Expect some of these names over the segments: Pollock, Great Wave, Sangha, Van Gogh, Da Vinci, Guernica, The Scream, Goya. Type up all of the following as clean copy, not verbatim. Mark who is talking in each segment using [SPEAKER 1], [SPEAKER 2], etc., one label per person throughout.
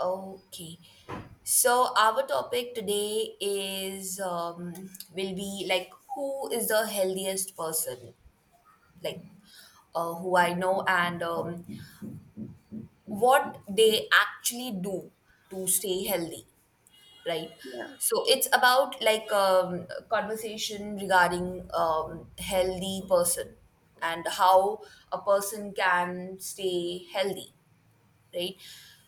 [SPEAKER 1] Okay. So our topic today is will be like who is the healthiest person, like who I know and what they actually do to stay healthy, right?
[SPEAKER 2] Yeah,
[SPEAKER 1] So it's about a conversation regarding healthy person and how a person can stay healthy. Right?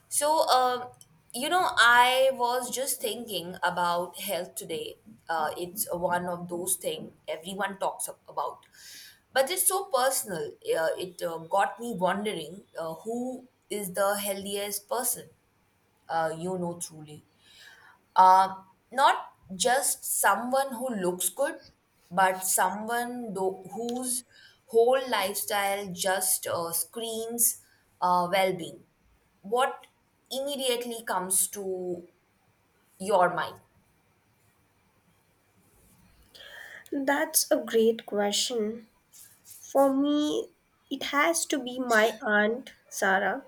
[SPEAKER 1] So, um, I was just thinking about health today. It's one of those things everyone talks about, but it's so personal. It Got me wondering who is the healthiest person, truly, uh, not just someone who looks good, but someone whose whole lifestyle just screams well being. What immediately comes to your mind?
[SPEAKER 2] that's a great question. For me, it has to be my aunt, Sarah.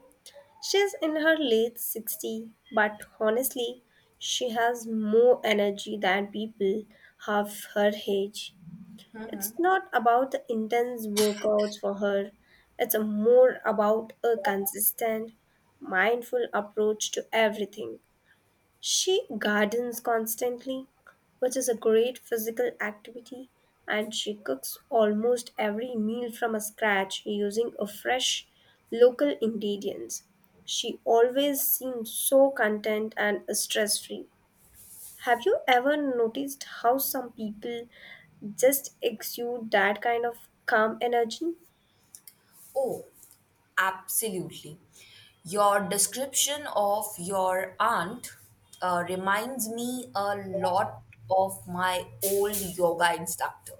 [SPEAKER 2] She's in her late 60, but honestly, she has more energy than people half her age. It's not about the intense workouts for her, it's a more about a consistent, mindful approach to everything. She gardens constantly, which is a great physical activity, and she cooks almost every meal from scratch using a fresh local ingredients. She always seems so content and stress free. Have you ever noticed how some people just exude that kind of calm energy?
[SPEAKER 1] Oh, absolutely. Your description of your aunt reminds me a lot of my old yoga instructor.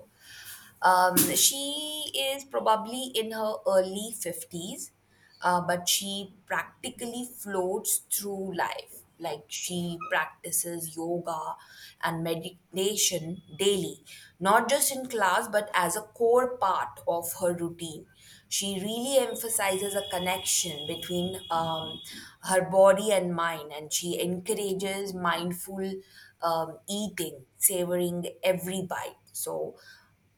[SPEAKER 1] She is probably in her early 50s but she practically floats through life. Like she practices yoga and meditation daily, not just in class, but as a core part of her routine. She really emphasizes a connection between her body and mind, and she encourages mindful eating, savoring every bite. So,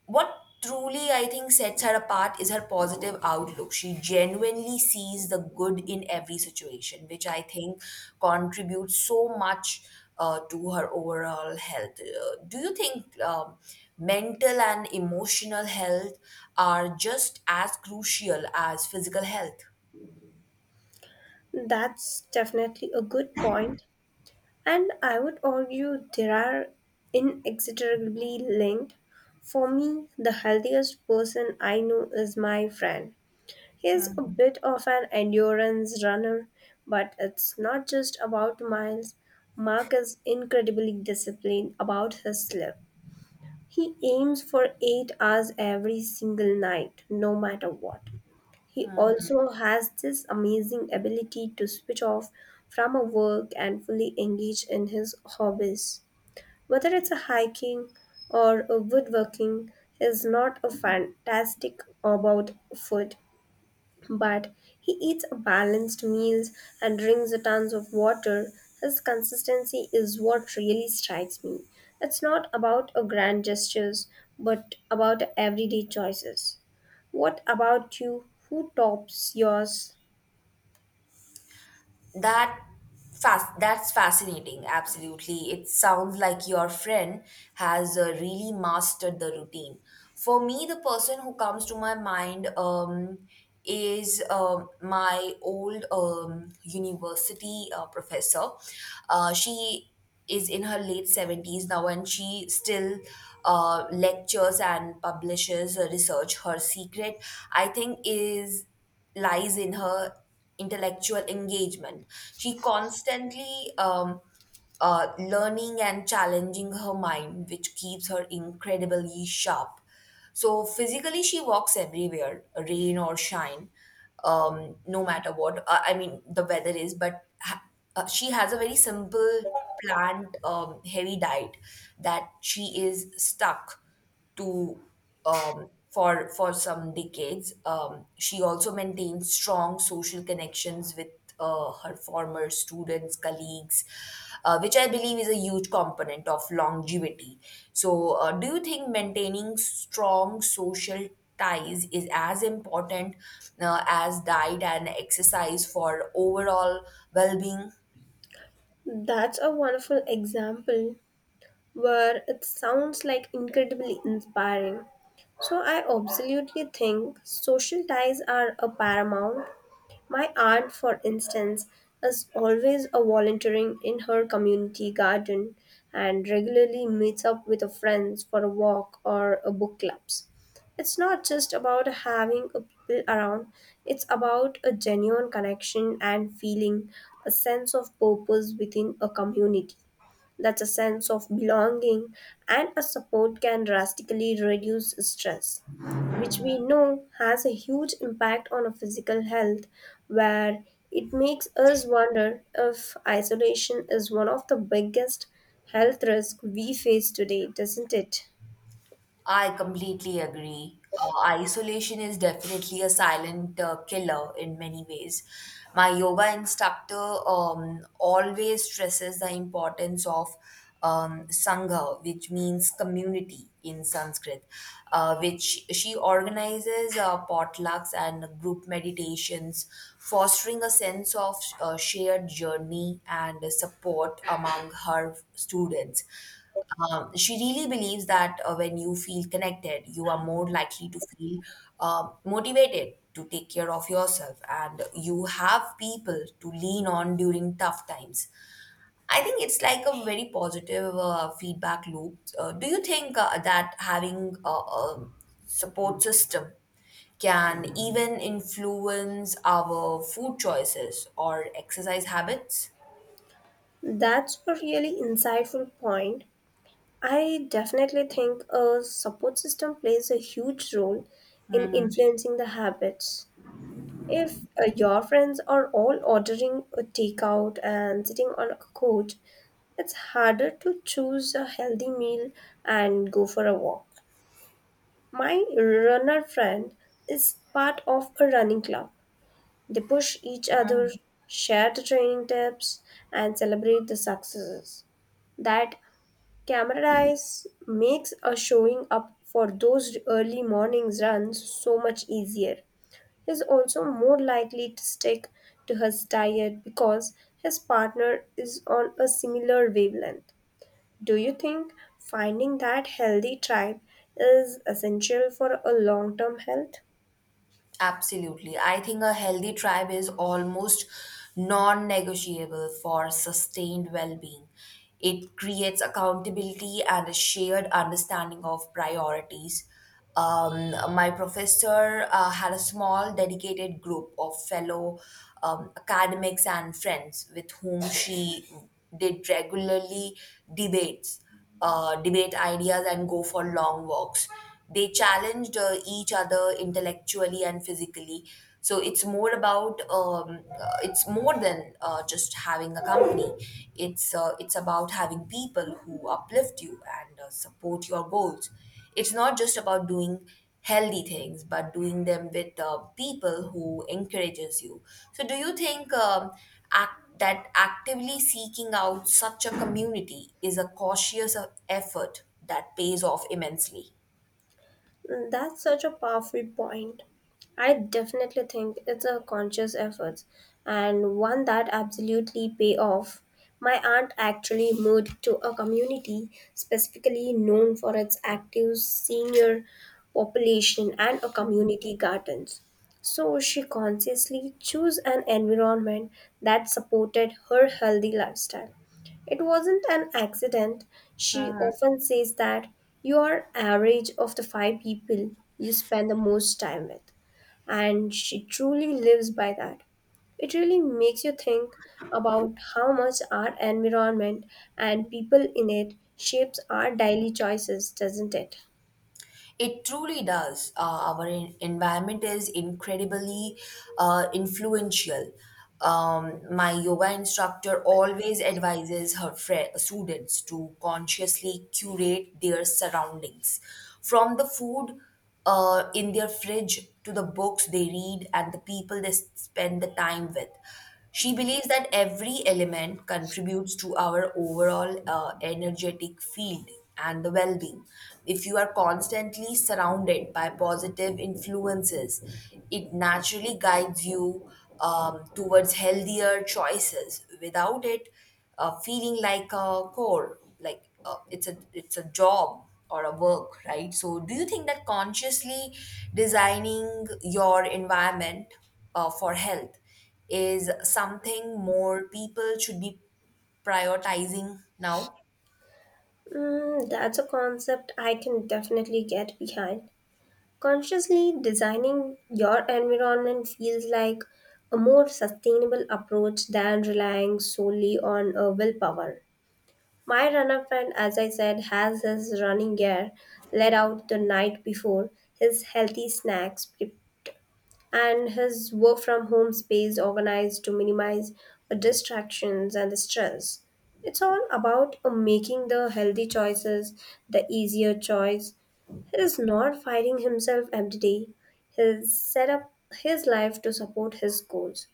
[SPEAKER 1] what truly I think sets her apart is her positive outlook. She genuinely sees the good in every situation, which I think contributes so much to her overall health. Do you think mental and emotional health are just as crucial as physical health?
[SPEAKER 2] That's definitely a good point. And I would argue they are inexorably linked. For me, the healthiest person I know is my friend. He is a bit of an endurance runner, but it's not just about miles. Mark is incredibly disciplined about his sleep. He aims for 8 hours every single night, no matter what. He also has this amazing ability to switch off from a work and fully engage in his hobbies. Whether it's a hiking or a woodworking, he's not a fantastic about food, but he eats balanced meals and drinks a tons of water. His consistency is what really strikes me. It's not about a grand gestures, but about everyday choices. What about you? Who tops yours?
[SPEAKER 1] That that's fascinating. Absolutely. It sounds like your friend has really mastered the routine. For me, the person who comes to my mind is my old university professor. She is in her late 70s now and she still lectures and publishes research. Her secret, I think, is lies in her intellectual engagement. She constantly learning and challenging her mind, which keeps her incredibly sharp. So physically, she walks everywhere, rain or shine, no matter what. I mean, the weather is, but she has a very simple plant heavy diet that she is stuck to, for some decades. She also maintains strong social connections with her former students, colleagues, which I believe is a huge component of longevity. So, do you think maintaining strong social ties is as important as diet and exercise for overall well being?
[SPEAKER 2] That's a wonderful example where it sounds like incredibly inspiring. So I absolutely think social ties are a paramount. My aunt, for instance, is always a volunteering in her community garden and regularly meets up with her friends for a walk or a book clubs. It's not just about having a people around, it's about a genuine connection and feeling a sense of purpose within a community. That's a sense of belonging and a support can drastically reduce stress, which we know has a huge impact on our physical health, where it makes us wonder if isolation is one of the biggest health risks we face today, doesn't it?
[SPEAKER 1] I completely agree. Isolation is definitely a silent killer in many ways. My yoga instructor always stresses the importance of Sangha, which means community in Sanskrit, which she organizes potlucks and group meditations, fostering a sense of shared journey and support among her students. She really believes that when you feel connected, you are more likely to feel motivated to take care of yourself, and you have people to lean on during tough times. I think it's like a very positive feedback loop. Do you think that having a support system can even influence our food choices or exercise habits?
[SPEAKER 2] That's a really insightful point. I definitely think a support system plays a huge role in influencing the habits. If your friends are all ordering a takeout and sitting on a couch, it's harder to choose a healthy meal and go for a walk. My runner friend is part of a running club. They push each other, share the training tips, and celebrate the successes. That camaraderie makes a showing up for those early mornings runs so much easier. Is also more likely to stick to his diet because his partner is on a similar wavelength. Do you think finding that healthy tribe is essential for a long term health?
[SPEAKER 1] Absolutely. I think a healthy tribe is almost non negotiable for sustained well being. It creates accountability and a shared understanding of priorities. My professor had a small dedicated group of fellow academics and friends with whom she did regularly debates debate ideas, and go for long walks. They challenged each other intellectually and physically. So it's more about it's more than just having a company. It's about having people who uplift you and support your goals. It's not just about doing healthy things but doing them with people who encourages you. So do you think that actively seeking out such a community is a cautious effort that pays off immensely?
[SPEAKER 2] That's such a powerful point. I definitely think it's a conscious effort and one that absolutely pay off. My aunt actually moved to a community specifically known for its active senior population and a community gardens. So she consciously chose an environment that supported her healthy lifestyle. It wasn't an accident. She often says that you are average of the five people you spend the most time with. And she truly lives by that. It really makes you think about how much our environment and people in it shapes our daily choices, doesn't it?
[SPEAKER 1] It truly does. Our environment is incredibly influential. My yoga instructor always advises her fri students to consciously curate their surroundings, from the food in their fridge to the books they read and the people they spend the time with. She believes that every element contributes to our overall energetic field and the well being. If you are constantly surrounded by positive influences, it naturally guides you towards healthier choices without it feeling like a core. Like it's a job or a work, right? So do you think that consciously designing your environment for health is something more people should be prioritizing now?
[SPEAKER 2] That's a concept I can definitely get behind. Consciously designing your environment feels like a more sustainable approach than relying solely on willpower. My runner friend, as I said, has his running gear let out the night before, his healthy snacks pre- and his work from home space organized to minimize the distractions and the stress. It's all about making the healthy choices, the easier choice. He is not fighting himself every day. He's set up his life to support his goals.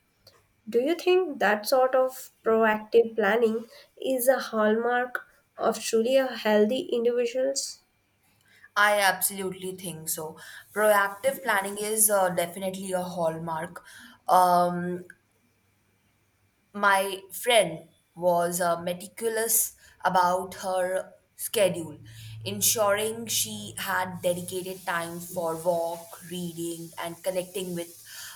[SPEAKER 2] Do you think that sort of proactive planning is a hallmark of truly a healthy individuals?
[SPEAKER 1] I absolutely think so. Proactive planning is definitely a hallmark. um My friend was meticulous about her schedule, ensuring she had dedicated time for walk, reading, and connecting with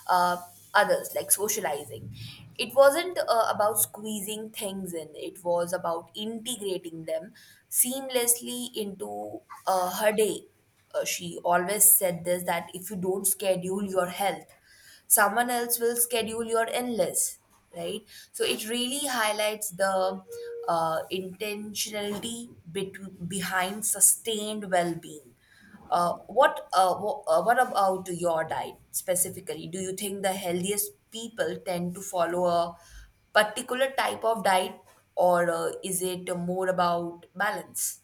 [SPEAKER 1] uh, others, like socializing. It wasn't about squeezing things in, it was about integrating them seamlessly into her day. She always said this that if you don't schedule your health, someone else will schedule your endless, right? So it really highlights the intentionality behind sustained well-being. What about your diet specifically, do you think the healthiest people tend to follow a particular type of diet, or is it more about balance?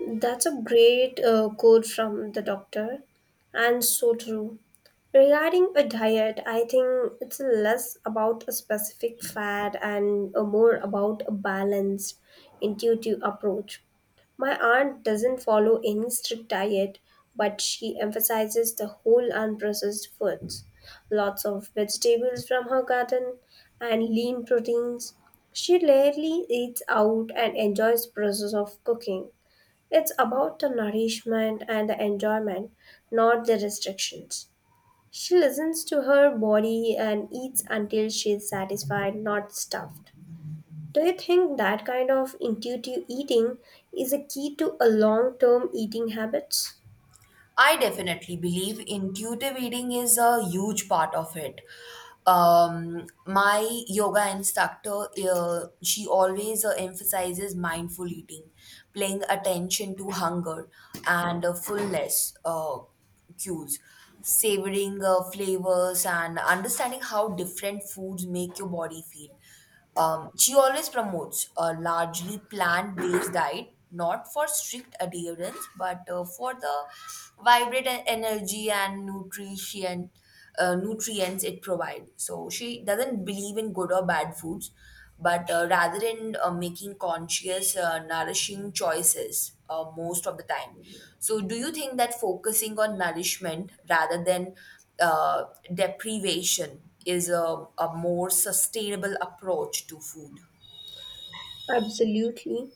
[SPEAKER 2] That's a great quote from the doctor, and so true. Regarding a diet, I think it's less about a specific fad and more about a balanced, intuitive approach. My aunt doesn't follow any strict diet, but she emphasizes the whole unprocessed foods, lots of vegetables from her garden, and lean proteins. She rarely eats out and enjoys the process of cooking. It's about the nourishment and the enjoyment, not the restrictions. She listens to her body and eats until she's satisfied, not stuffed. Do you think that kind of intuitive eating is a key to a long-term eating habits?
[SPEAKER 1] I definitely believe intuitive eating is a huge part of it. My yoga instructor, she always emphasizes mindful eating, paying attention to hunger and fullness cues, savoring flavors, and understanding how different foods make your body feel. She always promotes a largely plant based diet, not for strict adherence, but for the vibrant energy and nutrition. Nutrients it provides. So she doesn't believe in good or bad foods, but rather in making conscious, nourishing choices most of the time. So, do you think that focusing on nourishment rather than uh, deprivation is a more sustainable approach to food?
[SPEAKER 2] Absolutely.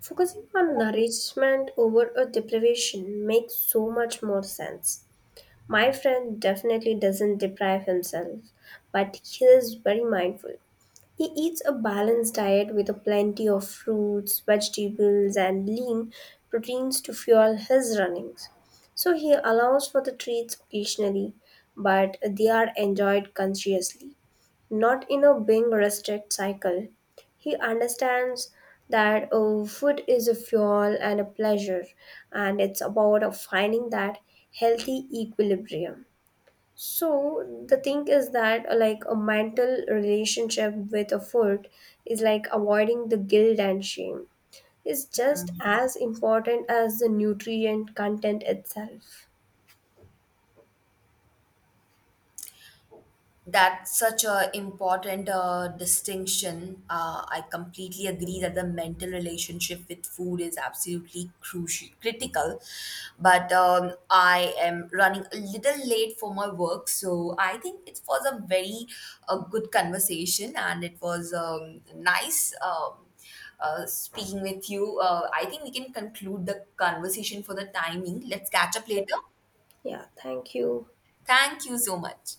[SPEAKER 2] Focusing on nourishment over a deprivation makes so much more sense. My friend definitely doesn't deprive himself, but he is very mindful. He eats a balanced diet with a plenty of fruits, vegetables, and lean proteins to fuel his runnings. So he allows for the treats occasionally, but they are enjoyed consciously, not in a being restrict cycle. He understands that food is a fuel and a pleasure, and it's about finding that healthy equilibrium. So the thing is that like a mental relationship with a food is like avoiding the guilt and shame. It's just as important as the nutrient content itself.
[SPEAKER 1] That's such a important distinction. I completely agree that the mental relationship with food is absolutely crucial, critical. But I am running a little late for my work, so I think it was a very good conversation, and it was nice speaking with you. I think we can conclude the conversation for the timing. Let's catch up later.
[SPEAKER 2] Yeah, thank you.
[SPEAKER 1] Thank you so much.